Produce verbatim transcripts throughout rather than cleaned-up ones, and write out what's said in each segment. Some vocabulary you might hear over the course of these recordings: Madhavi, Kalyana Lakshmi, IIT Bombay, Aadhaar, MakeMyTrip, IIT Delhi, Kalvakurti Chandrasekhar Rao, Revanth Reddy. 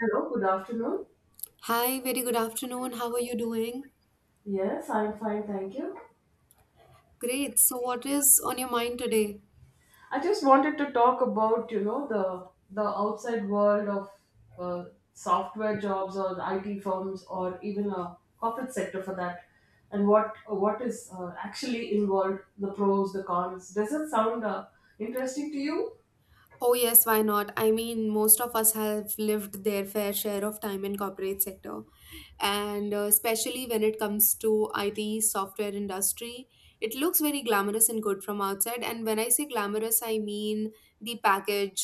Hello, good afternoon. Hi, very good afternoon. How are you doing? Yes, I'm fine, thank you. Great. So, what is on your mind today? I just wanted to talk about, you know, the the outside world of uh, software jobs or I T firms or even a corporate sector for that, and what what is uh, actually involved, the pros, the cons. Does it sound uh, interesting to you? Oh, yes, why not? I mean, most of us have lived their fair share of time in corporate sector. And uh, especially when it comes to I T software industry, it looks very glamorous and good from outside. And when I say glamorous, I mean the package,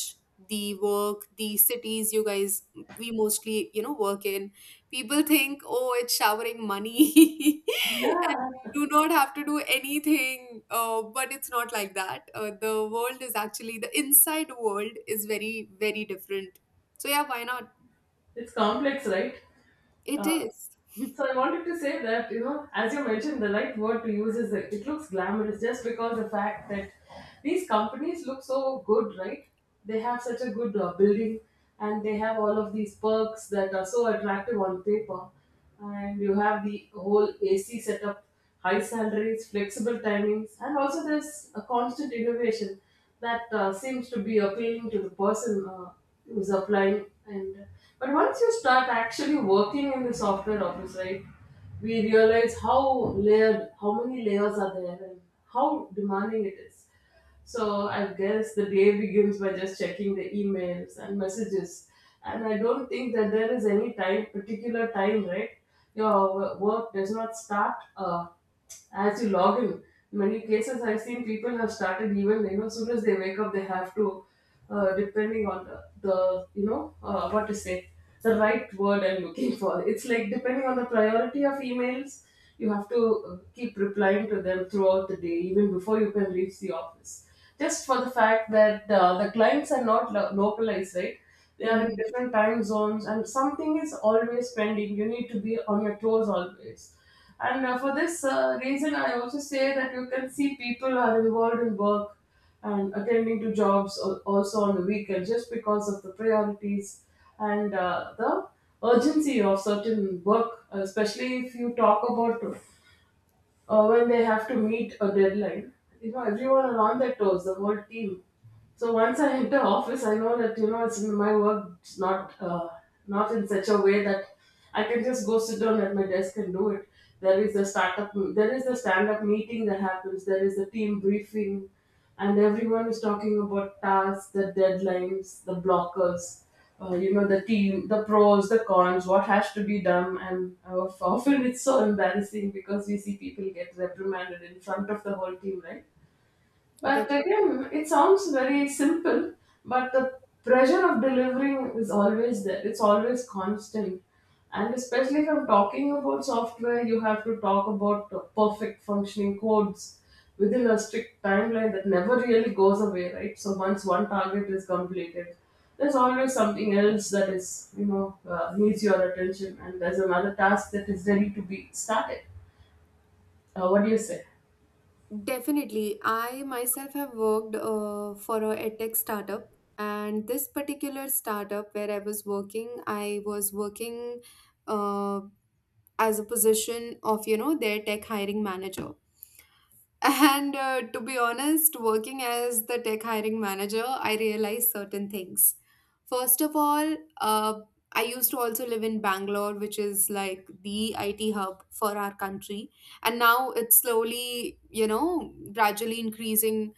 the work, the cities you guys, we mostly you know work in. People think, oh, it's showering money and Yeah, you do not have to do anything, uh, but it's not like that. Uh, the world is actually, the inside world is very very different. So yeah, why not? it's complex, right? It Uh, is. So I wanted to say that, you know, as you mentioned, the right word to use is that it looks glamorous just because the fact that these companies look so good, right? They have such a good uh, building, and they have all of these perks that are so attractive on paper. And you have the whole A C setup, high salaries, flexible timings, and also there's a constant innovation that uh, seems to be appealing to the person uh, who is applying. And but once you start actually working in the software office, right, we realize how layered, how many layers are there, and how demanding it is. So I guess the day begins by just checking the emails and messages. And I don't think that there is any time, particular time, right? Your wo- work does not start uh, as you log in. In many cases, I've seen people have started even, you know, as soon as they wake up, they have to, uh, depending on the, the you know, uh, what to say, the right word I'm looking for. It's like depending on the priority of emails, you have to uh, keep replying to them throughout the day, even before you can reach the office. Just for the fact that uh, the clients are not lo- localized, right? They are in Hmm, different time zones, and something is always pending. You need to be on your toes always. And uh, for this uh, reason, I also say that you can see people are involved in work and attending to jobs al- also on the weekend just because of the priorities and uh, the urgency of certain work, especially if you talk about uh, when they have to meet a deadline. You know, everyone are on their toes, the whole team. So once I enter office, I know that you know it's my work. It's not uh, not in such a way that I can just go sit down at my desk and do it. There is the startup, there is the stand up meeting that happens. There is the team briefing, and everyone was talking about tasks, the deadlines, the blockers, uh, you know, the team, the pros, the cons, what has to be done. And uh, often it's so embarrassing because we see people get reprimanded in front of the whole team, right? But definitely. again, it sounds very simple, but the pressure of delivering is always there. It's always constant. And especially if I'm talking about software, you have to talk about the perfect functioning codes within a strict timeline that never really goes away, right? So once one target is completed, there's always something else that is, you know, uh, needs your attention, and there's another task that is ready to be started. Uh, what do you say? Definitely. I myself have worked uh, for a edtech startup, and this particular startup where I was working, I was working uh, as a position of, you know, their tech hiring manager. And uh, to be honest, working as the tech hiring manager, I realized certain things. First of all, uh, I used to also live in Bangalore, which is like the I T hub for our country. And now it's slowly, you know, gradually increasing.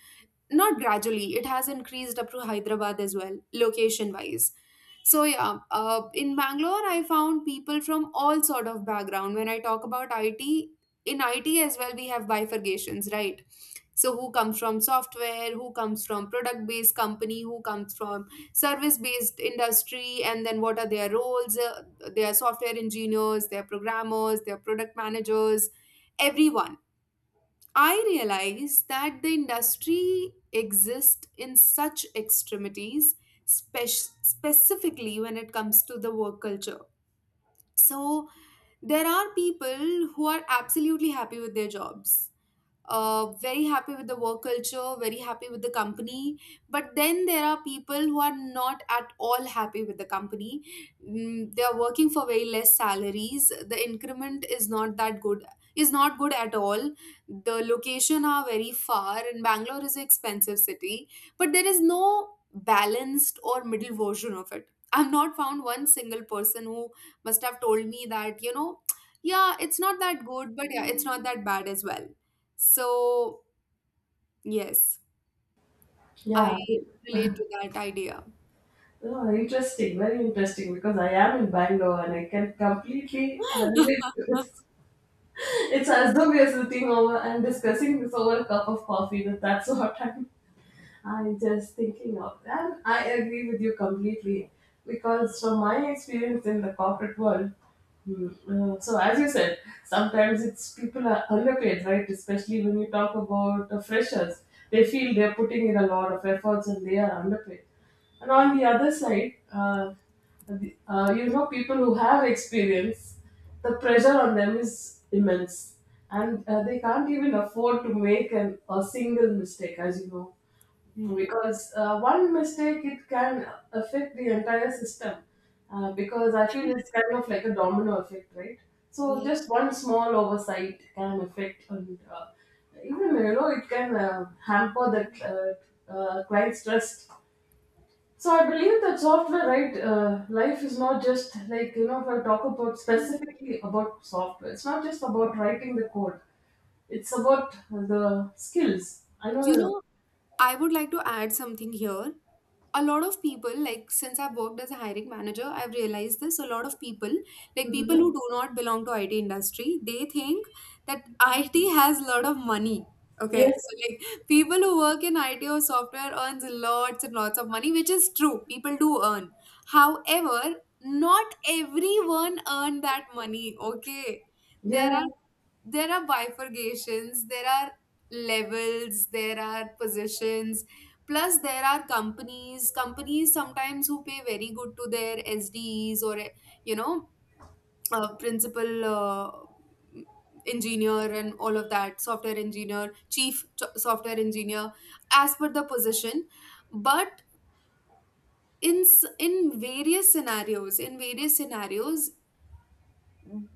Not gradually, it has increased up to Hyderabad as well, location wise. So yeah, uh, in Bangalore I found people from all sort of background. When I talk about IT, in IT as well we have bifurcations, right? So who comes from software, who comes from product based company, who comes from service based industry. And then what are their roles? Uh, they are software engineers, they are programmers, they are product managers, everyone. I realize that the industry exists in such extremities, spec- specifically when it comes to the work culture. So, there are people who are absolutely happy with their jobs, uh, very happy with the work culture, very happy with the company. But then there are people who are not at all happy with the company. Mm, they are working for very less salaries. The increment is not that good, is not good at all. The location are very far, and Bangalore is an expensive city. But there is no balanced or middle version of it. I've not found one single person who must have told me that, you know, yeah, it's not that good, but yeah, it's not that bad as well. So, yes, I Yeah. relate to that idea. Oh, interesting, very interesting because I am in Bangalore and I can completely uh, relate to this. It's as though we are sitting over and discussing this over a cup of coffee. That that's what I'm, I'm just thinking of. And I agree with you completely because from my experience in the corporate world, hmm, uh, so as you said, sometimes it's people are underpaid, right? Especially when you talk about the freshers, they feel they're putting in a lot of efforts and they are underpaid. And on the other side, uh, the- uh, you know, people who have experience, the pressure on them is immense, and uh, they can't even afford to make an, a single mistake, as you know, Hmm. because uh, one mistake, it can affect the entire system. Uh, because I feel it's kind of like a domino effect, right? So just Yes. one small oversight can affect, and uh, even you know, it can uh, hamper the uh, uh, client's trust. So I believe that software, right? Uh, life is not just like you know. If I talk about specifically about software, it's not just about writing the code. It's about the skills. I You know. know, I would like to add something here. A lot of people, like since I've worked as a hiring manager, I've realized this. A lot of people, like people who Hmm. do not belong to IT industry, they think that it has a lot of money. Okay, Yes. so like, people who work in IT or software earns lots and lots of money, which is true, people do earn. However, not everyone earn that money. Okay, Yeah. there are, there are bifurcations, there are levels, there are positions. Plus, there are companies, companies sometimes who pay very good to their S D Es or, you know, uh, principal uh, engineer and all of that, software engineer, chief ch- software engineer, as per the position. But in s- in various scenarios, in various scenarios,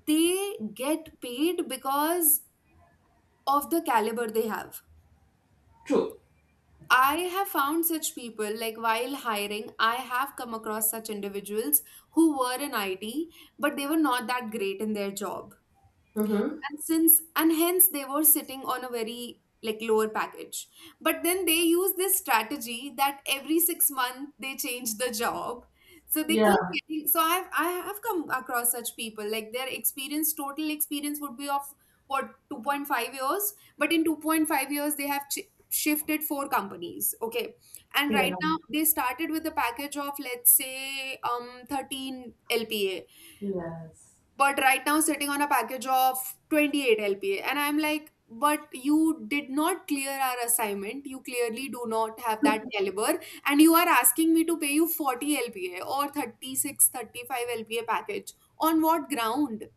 they get paid because of the caliber they have. True. I have found such people, like while hiring, I have come across such individuals who were in I T, but they were not that great in their job. Mm-hmm. And since and hence they were sitting on a very like lower package. But then they use this strategy that every six months they change the job, so they keep Yeah. getting. So i've I have come across such people, like their experience, total experience would be of what, two point five years, but in two point five years they have ch- shifted four companies. Okay, and Yeah. right now they started with a package of let's say um thirteen lpa, Yes. but right now sitting on a package of twenty eight L P A. And I'm like, but you did not clear our assignment. You clearly do not have that caliber. And you are asking me to pay you forty L P A or thirty six, thirty five L P A package. On what ground?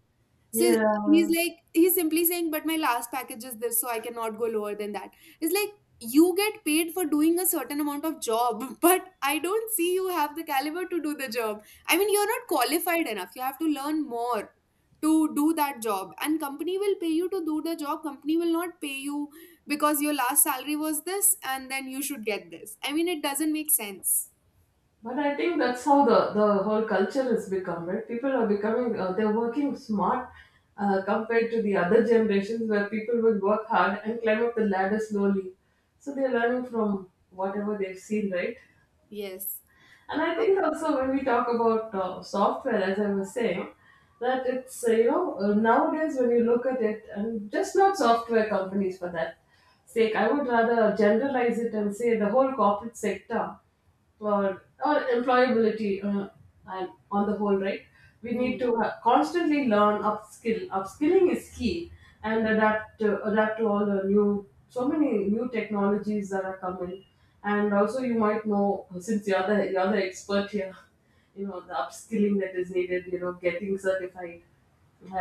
So, Yeah. he's like, he's simply saying, but my last package is this, so I cannot go lower than that. It's like, you get paid for doing a certain amount of job, but I don't see you have the caliber to do the job. I mean, you're not qualified enough. You have to learn more to do that job. And company will pay you to do the job. Company will not pay you because your last salary was this and then you should get this. I mean, it doesn't make sense. But I think that's how the, the whole culture has become, right? People are becoming, uh, they're working smart uh, compared to the other generations where people would work hard and climb up the ladder slowly. So they're learning from whatever they've seen, right? Yes. And I think also when we talk about uh, software, as I was saying, that it's, uh, you know, uh, nowadays when you look at it, and just not software companies for that sake, I would rather generalize it and say the whole corporate sector or, or employability, uh, and on the whole, right, we need Hmm. to uh, constantly learn upskill, upskilling is key, and adapt to, adapt to all the new, so many new technologies that are coming. And also you might know, since you're the you're the expert here, you know the upskilling that is needed, you know, getting certified,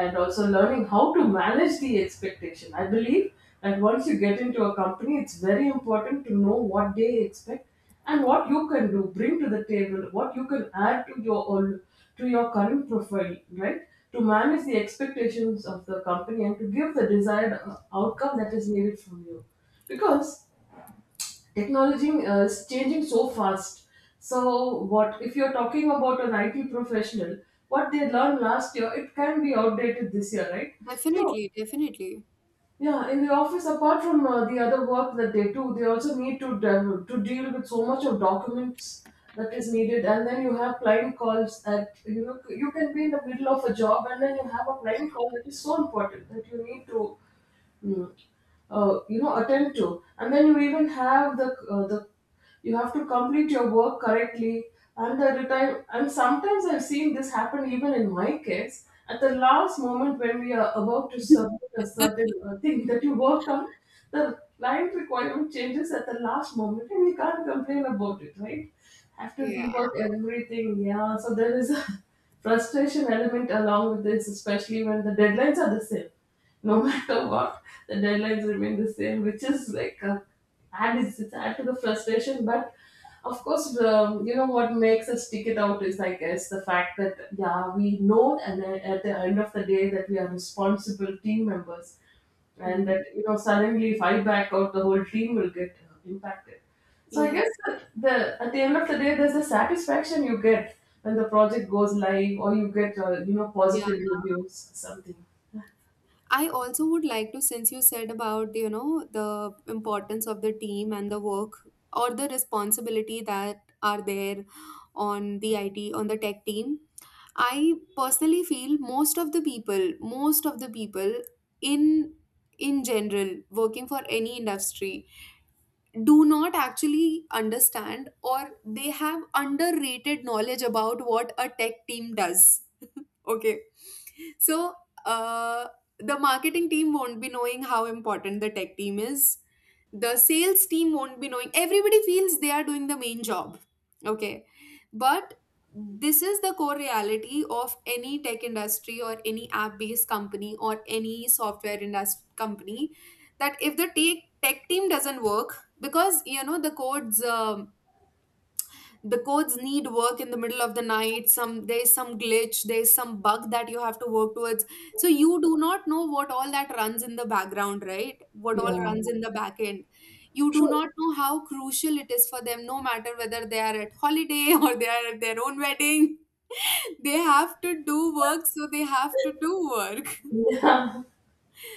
and also learning how to manage the expectation. I believe that once you get into a company, it's very important to know what they expect and what you can do, bring to the table, what you can add to your own, to your current profile, right? To manage the expectations of the company and to give the desired uh, outcome that is needed from you, because technology uh, is changing so fast. So, what if you're talking about an I T professional? What they learned last year, it can be outdated this year, right? So, Definitely, definitely. yeah, in the office, apart from uh, the other work that they do, they also need to de- to deal with so much of documents that is needed. And then you have client calls that you know you can be in the middle of a job, and then you have a client call that is so important that you need to mm, uh, you know attend to. And then you even have the uh, the you have to complete your work correctly and at the time. And sometimes I've seen this happen, even in my case, at the last moment when we are about to submit a certain uh, thing that you worked on, the client requirement changes at the last moment and we can't complain about it, right? Have to Yeah. rework everything. Yeah, so there is a frustration element along with this, especially when the deadlines are the same, no matter what, the deadlines remain the same, which is like a, add it's, it's add to the frustration. But of course, um, you know what makes us stick it out is, I guess, the fact that yeah, we know, and then at the end of the day, that we are responsible team members, and that Hmm. you know suddenly if I back out, the whole team will get uh, impacted. So I guess Yes. that the at the end of the day, there's a satisfaction you get when the project goes live, or you get uh, you know Yeah, positive reviews, or something. I also would like to, since you said about, you know, the importance of the team and the work or the responsibility that are there on the I T, on the tech team. I personally feel most of the people, most of the people in in general, working for any industry do not actually understand, or they have underrated knowledge about what a tech team does. Okay. So, uh, the marketing team won't be knowing how important the tech team is. The sales team won't be knowing. Everybody feels they are doing the main job. Okay. But this is the core reality of any tech industry or any app based company or any software industry company, that if the tech, tech team doesn't work, because you know the code's um, the codes need work in the middle of the night, some, there's some glitch, there's some bug that you have to work towards. So you do not know what all that runs in the background, right, what all Yeah. runs in the back end. You do True. not know how crucial it is for them, no matter whether they are at holiday or they are at their own wedding, they have to do work, so they have to do work. Yeah,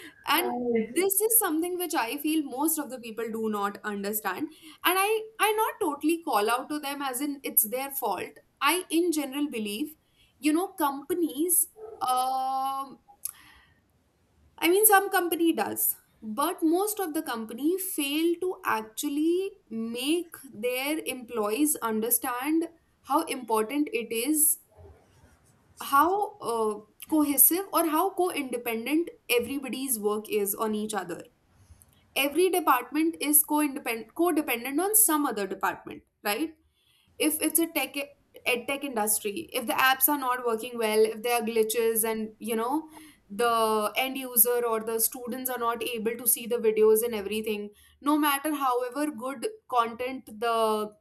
I And agree. this is something which I feel most of the people do not understand. And i I not totally call out to them as in it's their fault. I in general believe, you know companies, um I mean some company does, but most of the company fail to actually make their employees understand how important it is, how uh, cohesive or how co-independent everybody's work is on each other. Every department is co-independent, co-dependent on some other department, right? If it's a tech, ed tech industry, if the apps are not working well, if there are glitches and you know the end user or the students are not able to see the videos and everything, no matter however good content the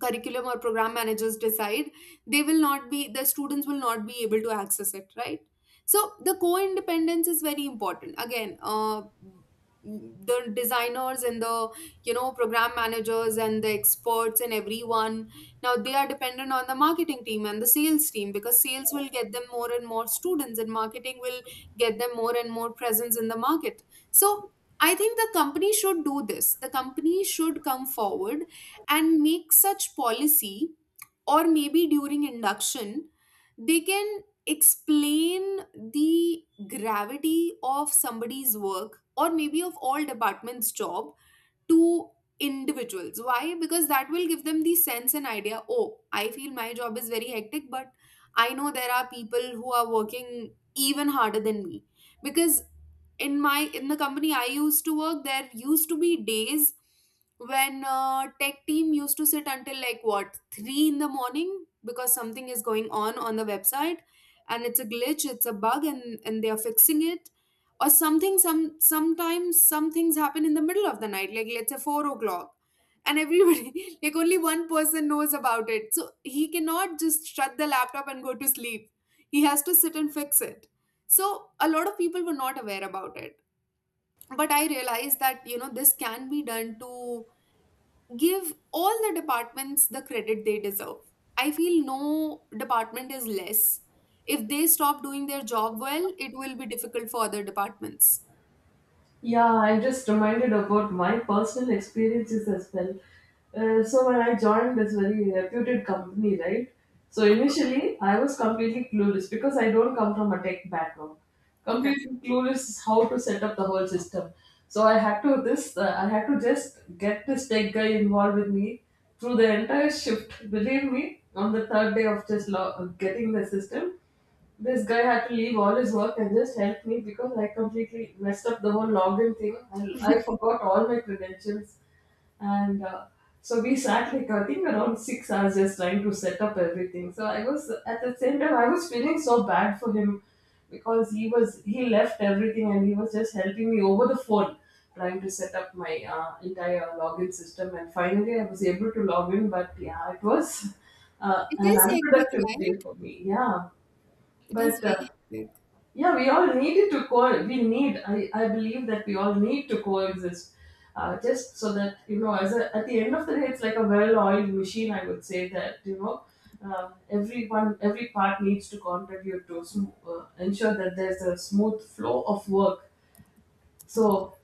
curriculum or program managers decide, they will not be, the students will not be able to access it, right? So the co-independence is very important. Again, uh, the designers and the, you know program managers and the experts and everyone, now they are dependent on the marketing team and the sales team, because sales will get them more and more students and marketing will get them more and more presence in the market. So, I think the company should do this. The company should come forward and make such policy, or maybe during induction they can explain the gravity of somebody's work, or maybe of all departments job, to individuals. Why? Because that will give them the sense and idea, oh, I feel my job is very hectic, but I know there are people who are working even harder than me. Because in my, in the company I used to work, there used to be days when uh, tech team used to sit until like what, three in the morning, because something is going on on the website, and it's a glitch, it's a bug, and and they are fixing it. Or something, some, sometimes some things happen in the middle of the night, like let's say four o'clock, and everybody like only one person knows about it, so he cannot just shut the laptop and go to sleep, he has to sit and fix it. So a lot of people were not aware about it. But I realized that you know this can be done to give all the departments the credit they deserve. I feel no department is less. If they stop doing their job well, it will be difficult for other departments. Yeah, I'm just reminded about my personal experiences as well. Uh, so when I joined this very reputed company, right? So Okay. initially, I was completely clueless because I don't come from a tech background. Okay. Completely clueless how to set up the whole system. So I had to this. Uh, I had to just get this tech guy involved with me through the entire shift. Believe me, on the third day of just lo- getting the system, this guy had to leave all his work and just help me because I completely messed up the whole login thing. I, I forgot all my credentials. And uh, so we sat like, I think, around six hours just trying to set up everything. So I was, at the same time, I was feeling so bad for him because he was, he left everything and he was just helping me over the phone, trying to set up my uh, entire login system. And finally, I was able to log in. But yeah, it was uh, It an is hectic, unproductive day right? for me. Yeah. It is But uh, very hectic. yeah, we all needed to co. We need. I, I believe that we all need to coexist, uh, just so that you know. As a, at the end of the day, it's like a well-oiled machine. I would say that you know, uh, everyone, every part needs to contribute to sm- uh, ensure that there's a smooth flow of work. So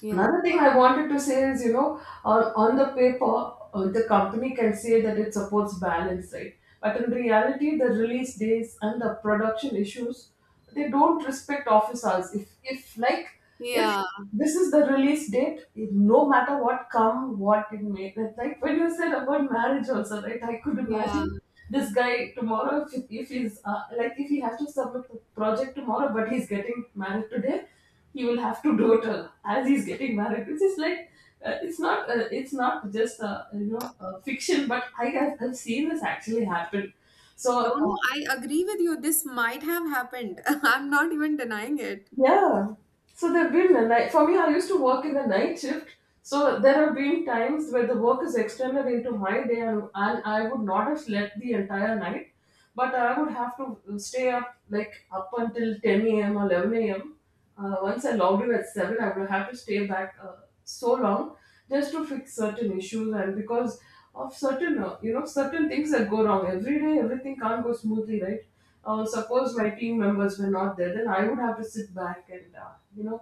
Yeah. another thing I wanted to say is, you know, uh, on the paper, uh, the company can say that it supports balance, right? But in reality, the release days and the production issues, they don't respect office hours. If, if like, if Yeah. this is the release date, it- no matter what come, what it may, that, like when you said about marriage also, right? I could Yeah. imagine this guy tomorrow, if, if he's, uh, like, if he has to submit the project tomorrow, but he's getting married today, he will have to do it uh, as he's getting married, which is like, uh, it's not uh, it's not just uh, you know uh, fiction, but I have I've seen this actually happen. So, No, uh, no, I agree with you. This might have happened. I'm not even denying it. yeah. So there have been a night for me. I used to work in the night shift, so there have been times where the work is extended into my day, and, and I would not have slept the entire night, but I would have to uh, stay up like up until ten a m or eleven a m. Uh, once I logged in at seven, I would have to stay back uh, so long, just to fix certain issues, and because of certain uh, you know certain things that go wrong every day. Everything can't go smoothly, right? Uh, suppose my team members were not there, then I would have to sit back and uh, you know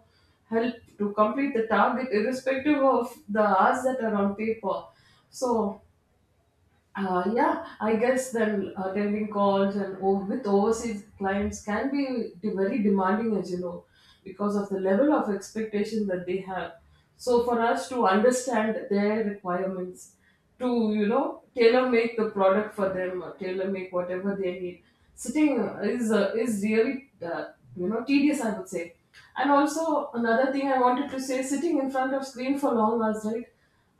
help to complete the target, irrespective of the hours that are on paper. So, uh, yeah, I guess then attending calls and o- with overseas clients can be de- very demanding, as you know, because of the level of expectation that they have. So, for us to understand their requirements, to you know tailor make the product for them, tailor make whatever they need, sitting uh, is uh, is really uh, you know tedious, I would say. And also another thing I wanted to say, sitting in front of screen for long hours, right?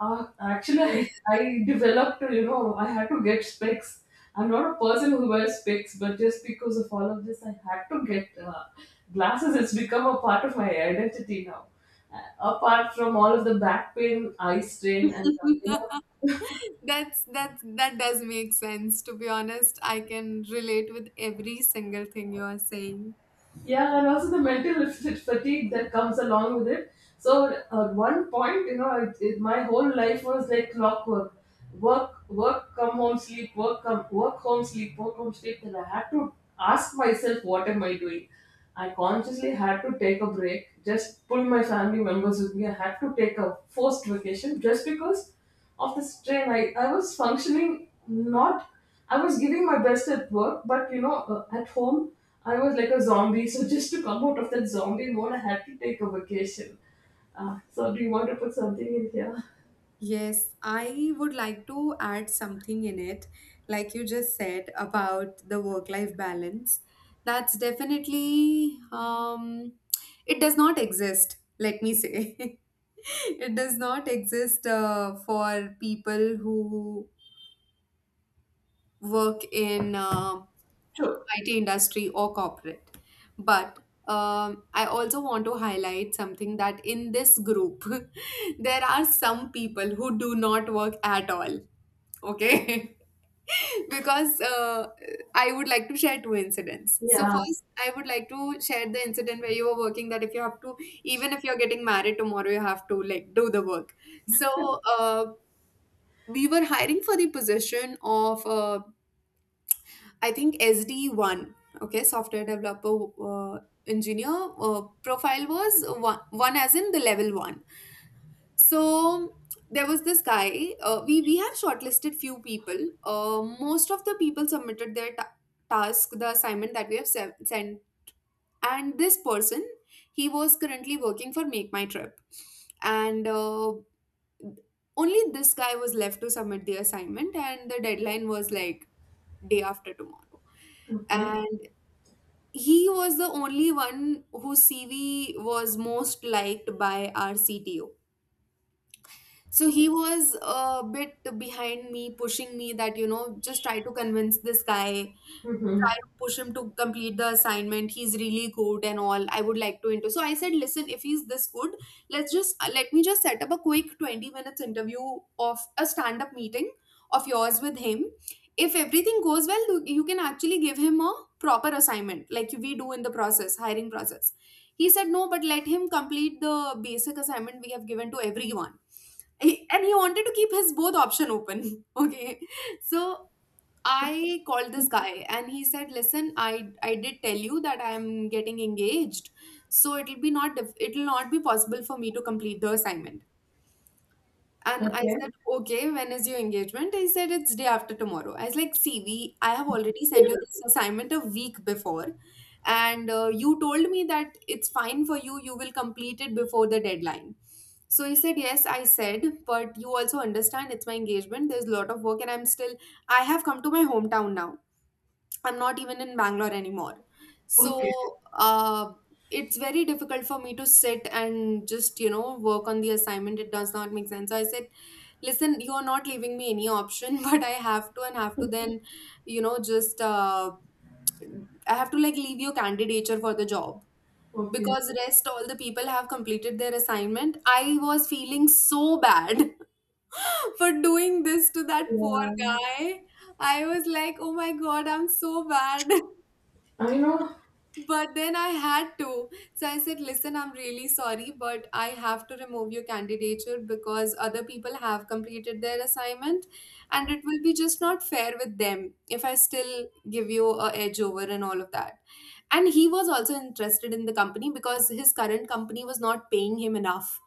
Uh, actually, I, I developed, you know, I had to get specs. I'm not a person who wears specs, but just because of all of this, I had to get uh, glasses. It's become a part of my identity now. Uh, apart from all of the back pain, eye strain, and uh, you know, That's that's that does make sense. To be honest, I can relate with every single thing you are saying. yeah, and also the mental f- fatigue that comes along with it. So at one point, you know, it, it, my whole life was like clockwork: work, work, come home, sleep, work, come, work, home, sleep, work, home, sleep. Then I had to ask myself, what am I doing? I consciously had to take a break, just pull my family members with me. I had to take a forced vacation just because of the strain. I, I was functioning, not, I was giving my best at work, but you know uh, at home, I was like a zombie. So just to come out of that zombie mode, I had to take a vacation. Uh, so, do you want to put something in here? Yes, I would like to add something in it, like you just said about the work-life balance. That's definitely, um, it does not exist, let me say. It does not exist uh, for people who work in, uh, Sure. I T industry or corporate. But um, I also want to highlight something that in this group, there are some people who do not work at all. Okay. because uh, I would like to share two incidents. So Yeah. first, I would like to share the incident where you were working that if you have to, even if you're getting married tomorrow, you have to like do the work. So uh, we were hiring for the position of uh, I think S D one. Okay, software developer uh, engineer uh, profile was one, one as in the level one. So there was this guy, uh, we we have shortlisted few people, uh, most of the people submitted their ta- task the assignment that we have se- sent, and this person, he was currently working for Make My Trip. And uh, only this guy was left to submit the assignment, and the deadline was like day after tomorrow, Okay. and he was the only one whose CV was most liked by our CTO. So he was a bit behind me, pushing me that, you know, just try to convince this guy, Mm-hmm. try to push him to complete the assignment. He's really good and all. I would like to into. So I said, listen, if he's this good, let's just uh, let me just set up a quick twenty minutes interview of a stand up meeting of yours with him. If everything goes well, you you can actually give him a proper assignment like we do in the process, hiring process. He said, no, but let him complete the basic assignment we have given to everyone. He, and he wanted to keep his both option open. Okay. So i called this guy, and he said, listen, i i did tell you that I am getting engaged, so it'll be not dif- it'll not be possible for me to complete the assignment. And I Okay. said, okay, when is your engagement? I said, it's day after tomorrow. I was like, see, we, I have already sent you this assignment a week before. And uh, you told me that it's fine for you. You will complete it before the deadline. So he said, yes. I said, but you also understand it's my engagement. There's a lot of work, and I'm still, I have come to my hometown now. I'm not even in Bangalore anymore. Okay. So uh, it's very difficult for me to sit and just, you know, work on the assignment. It does not make sense. So I said, listen, you are not leaving me any option, but I have to, and have to then, you know just uh, I have to like leave your candidature for the job Okay. because rest all the people have completed their assignment. I was feeling so bad for doing this to that poor guy. I was like, oh my god, I'm so bad. I know. But then I had to. So I said, listen, I'm really sorry, but I have to remove your candidature because other people have completed their assignment, and it will be just not fair with them if I still give you a edge over and all of that. And he was also interested in the company because his current company was not paying him enough.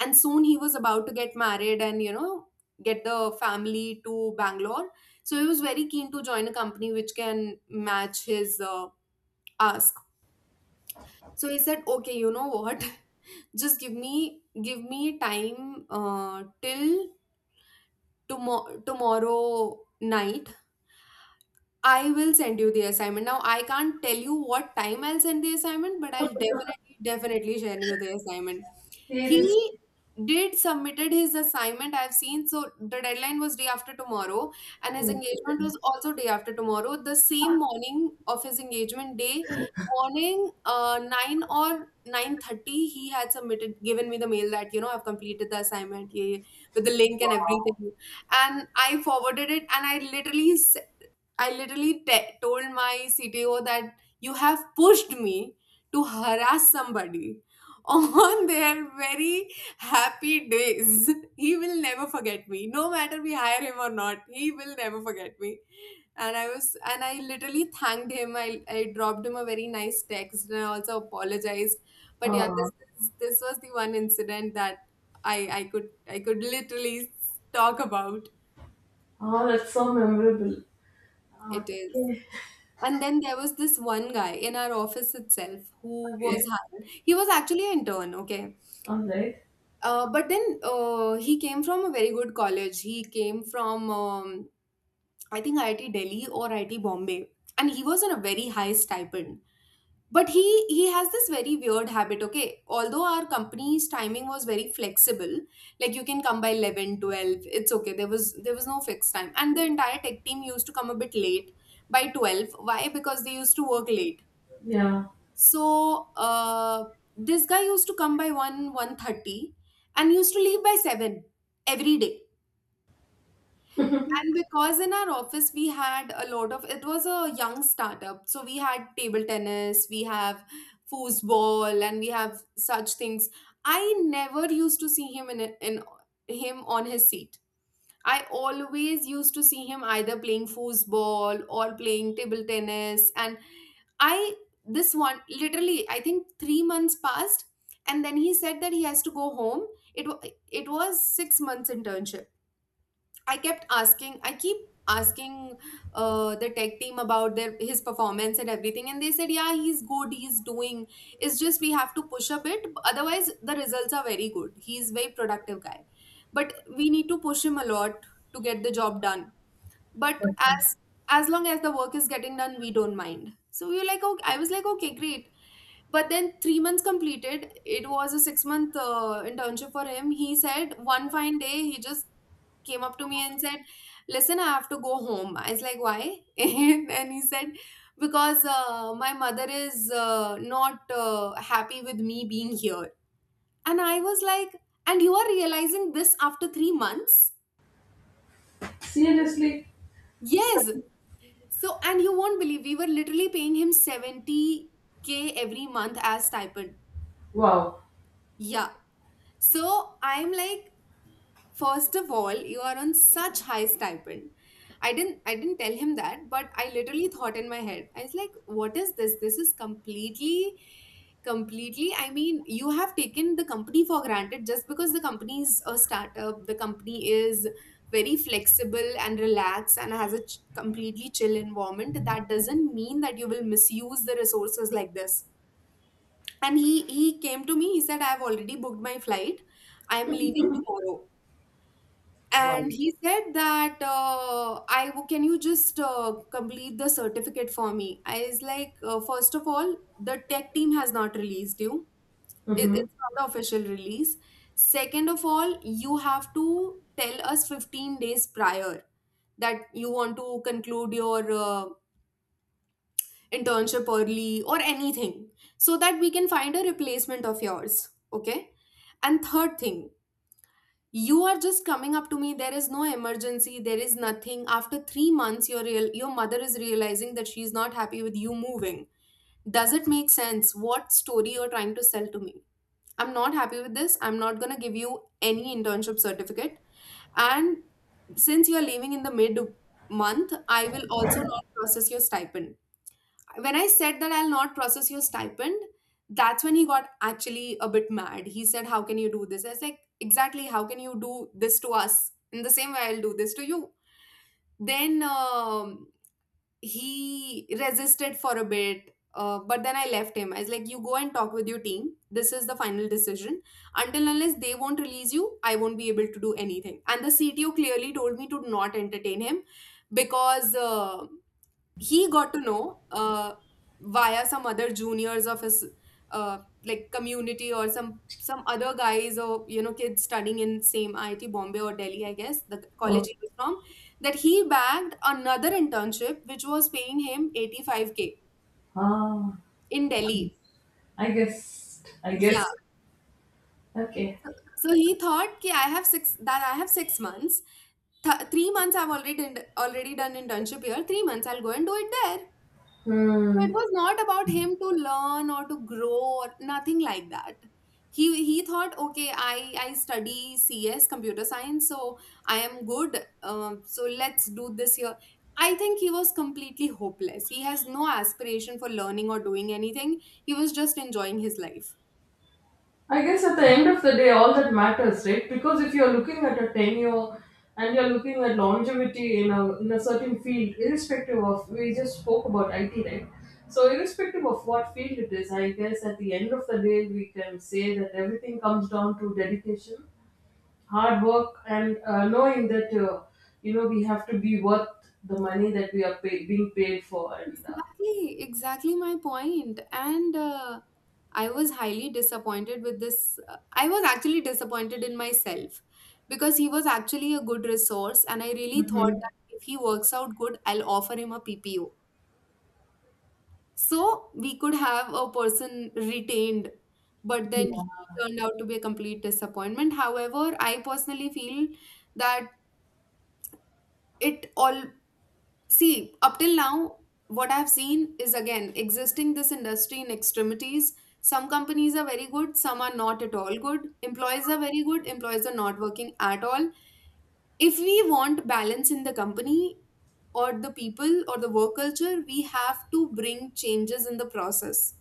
And soon he was about to get married and, you know, get the family to Bangalore. So he was very keen to join a company which can match his uh, ask. So he said, okay, you know what? Just give me give me time uh, till tomorrow tomorrow night. I will send you the assignment. Now I can't tell you what time I'll send the assignment, but I'll definitely definitely send you the assignment. Here is, He did submitted his assignment. I've seen. So the deadline was day after tomorrow, and his engagement was also day after tomorrow, the same morning of his engagement day morning, uh, nine or nine thirty he had submitted, given me the mail that, you know, I've completed the assignment. Yeah, yeah, with the link and everything. And I forwarded it, and I literally s- I literally te- told my C T O that you have pushed me to harass somebody on their very happy days. He will never forget me. No matter we hire him or not, he will never forget me. And I was, and I literally thanked him. I, I dropped him a very nice text, and I also apologized. But yeah, uh, this is, this was the one incident that I I could I could literally talk about. oh, that's so memorable. Uh, It is. Okay. And then there was this one guy in our office itself who was Okay. hired. He was actually an intern, okay. All right. Uh, but then uh, he came from a very good college. He came from um, I think I I T Delhi or I I T Bombay, and he was on a very high stipend. But he he has this very weird habit. Okay, although our company's timing was very flexible, like you can come by eleven, twelve, it's okay. There was there was no fixed time, and the entire tech team used to come a bit late by twelve. Why? Because they used to work late. Yeah. So uh, this guy used to come by one, one thirty, and used to leave by seven every day. And because in our office we had a lot of, it was a young startup. So we had table tennis, we have foosball, and we have such things. I never used to see him in, in him on his seat. I always used to see him either playing foosball or playing table tennis. And I, this one, literally, I think three months passed. And then he said that he has to go home. It, wa- it was six months internship. I kept asking, I keep asking uh, the tech team about their his performance and everything, and they said, "Yeah, he's good. He's doing. It's just we have to push a bit. Otherwise, the results are very good. He's very productive guy, but we need to push him a lot to get the job done. But as as long as the work is getting done, we don't mind." So we were like, "Okay." I was like, "Okay, great." But then three months completed, it was a six month uh, internship for him. He said one fine day he just came up to me and said, "Listen, I have to go home." I was like, "Why?" And he said, "Because uh, my mother is uh, not uh, happy with me being here." And I was like, "And you are realizing this after three months?" Seriously. Yes. So, and you won't believe we were literally paying him seventy k every month as stipend. Wow. Yeah. So I'm like, first of all, you are on such high stipend. I didn't I didn't tell him that, but I literally thought in my head. I was like, what is this? This is completely completely I mean, you have taken the company for granted just because the company is a startup, the company is very flexible and relaxed and has a ch- completely chill environment. That doesn't mean that you will misuse the resources like this. And he he came to me, he said, I've already booked my flight, I'm leaving tomorrow. Wow. And he said that, uh, I can you just uh, complete the certificate for me. I was like, uh, first of all, the tech team has not released you. it, Mm-hmm. it's not the official release. Second of all, you have to tell us fifteen days prior that you want to conclude your uh, internship early or anything, so that we can find a replacement of yours, okay? And third thing, you are just coming up to me, there is no emergency, there is nothing. After three months, your real your mother is realizing that she's not happy with you moving? Does it make sense what story you're trying to sell to me? I'm not happy with this. I'm not going to give you any internship certificate. And since you're leaving in the mid month, I will also not process your stipend. When I said that I'll not process your stipend, that's when he got actually a bit mad. He said, how can you do this? I was like, exactly, how can you do this to us? In the same way, I'll do this to you. Then um, he resisted for a bit, uh, but then I left him. I was like, you go and talk with your team. This is the final decision. Until unless they won't release you, I won't be able to do anything. And the C T O clearly told me to not entertain him because. Uh, he got to know uh, via some other juniors of his, uh, like community or some some other guys or, you know, kids studying in same I I T Bombay or Delhi, I guess, the college Oh. he was from, that he bagged another internship which was paying him eighty-five k Ah. in Delhi. I guess. I Yeah. guess. Okay. So he thought ki I have six, that I have six months. th- three months I've already done, already done internship here, three months I'll go and do it there. So it Hmm. was not about him to learn or to grow or nothing like that. He he thought, okay, I I study C S, computer science, so I am good. Um, so let's do this here. I think he was completely hopeless. He has no aspiration for learning or doing anything. He was just enjoying his life. I guess at the end of the day, all that matters, right? Because if you're looking at a tenure and you're looking at longevity in a in a certain field, irrespective of we just spoke about I T, right? So, irrespective of what field it is, I guess at the end of the day, we can say that everything comes down to dedication, hard work, and uh, knowing that uh, you know we have to be worth the money that we are pay- being paid for, and. Uh, Exactly, exactly my point. And uh, I was highly disappointed with this. uh, I was actually disappointed in myself because he was actually a good resource, and I really thought Mhm. that if he works out good, I'll offer him a P P O. So we could have a person retained, but then he turned out to be a complete disappointment. However, I personally feel that it all, see, up till now, what I've seen is again existing this industry in extremities. Some companies are very good, some are not at all good. Employees are very good, employees are not working at all. If we want balance in the company or the people or the work culture, we have to bring changes in the process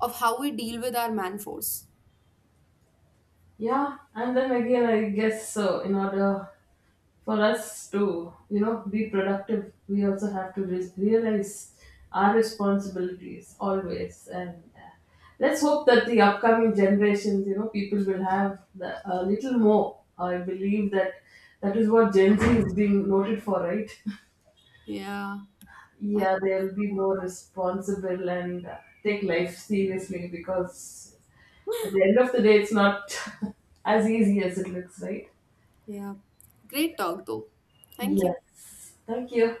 of how we deal with our man force. Yeah, and then again, I guess so. In order for us to, you know, be productive, we also have to re- realize our responsibilities always. And uh, let's hope that the upcoming generations, you know, people will have the, a little more. I believe that that is what Gen Z is being noted for, right? Yeah. I- Yeah, they'll be more responsible and uh, take life seriously, because at the end of the day, it's not as easy as it looks, right? Yeah. Great talk, though. Thank you. Yes. Thank you.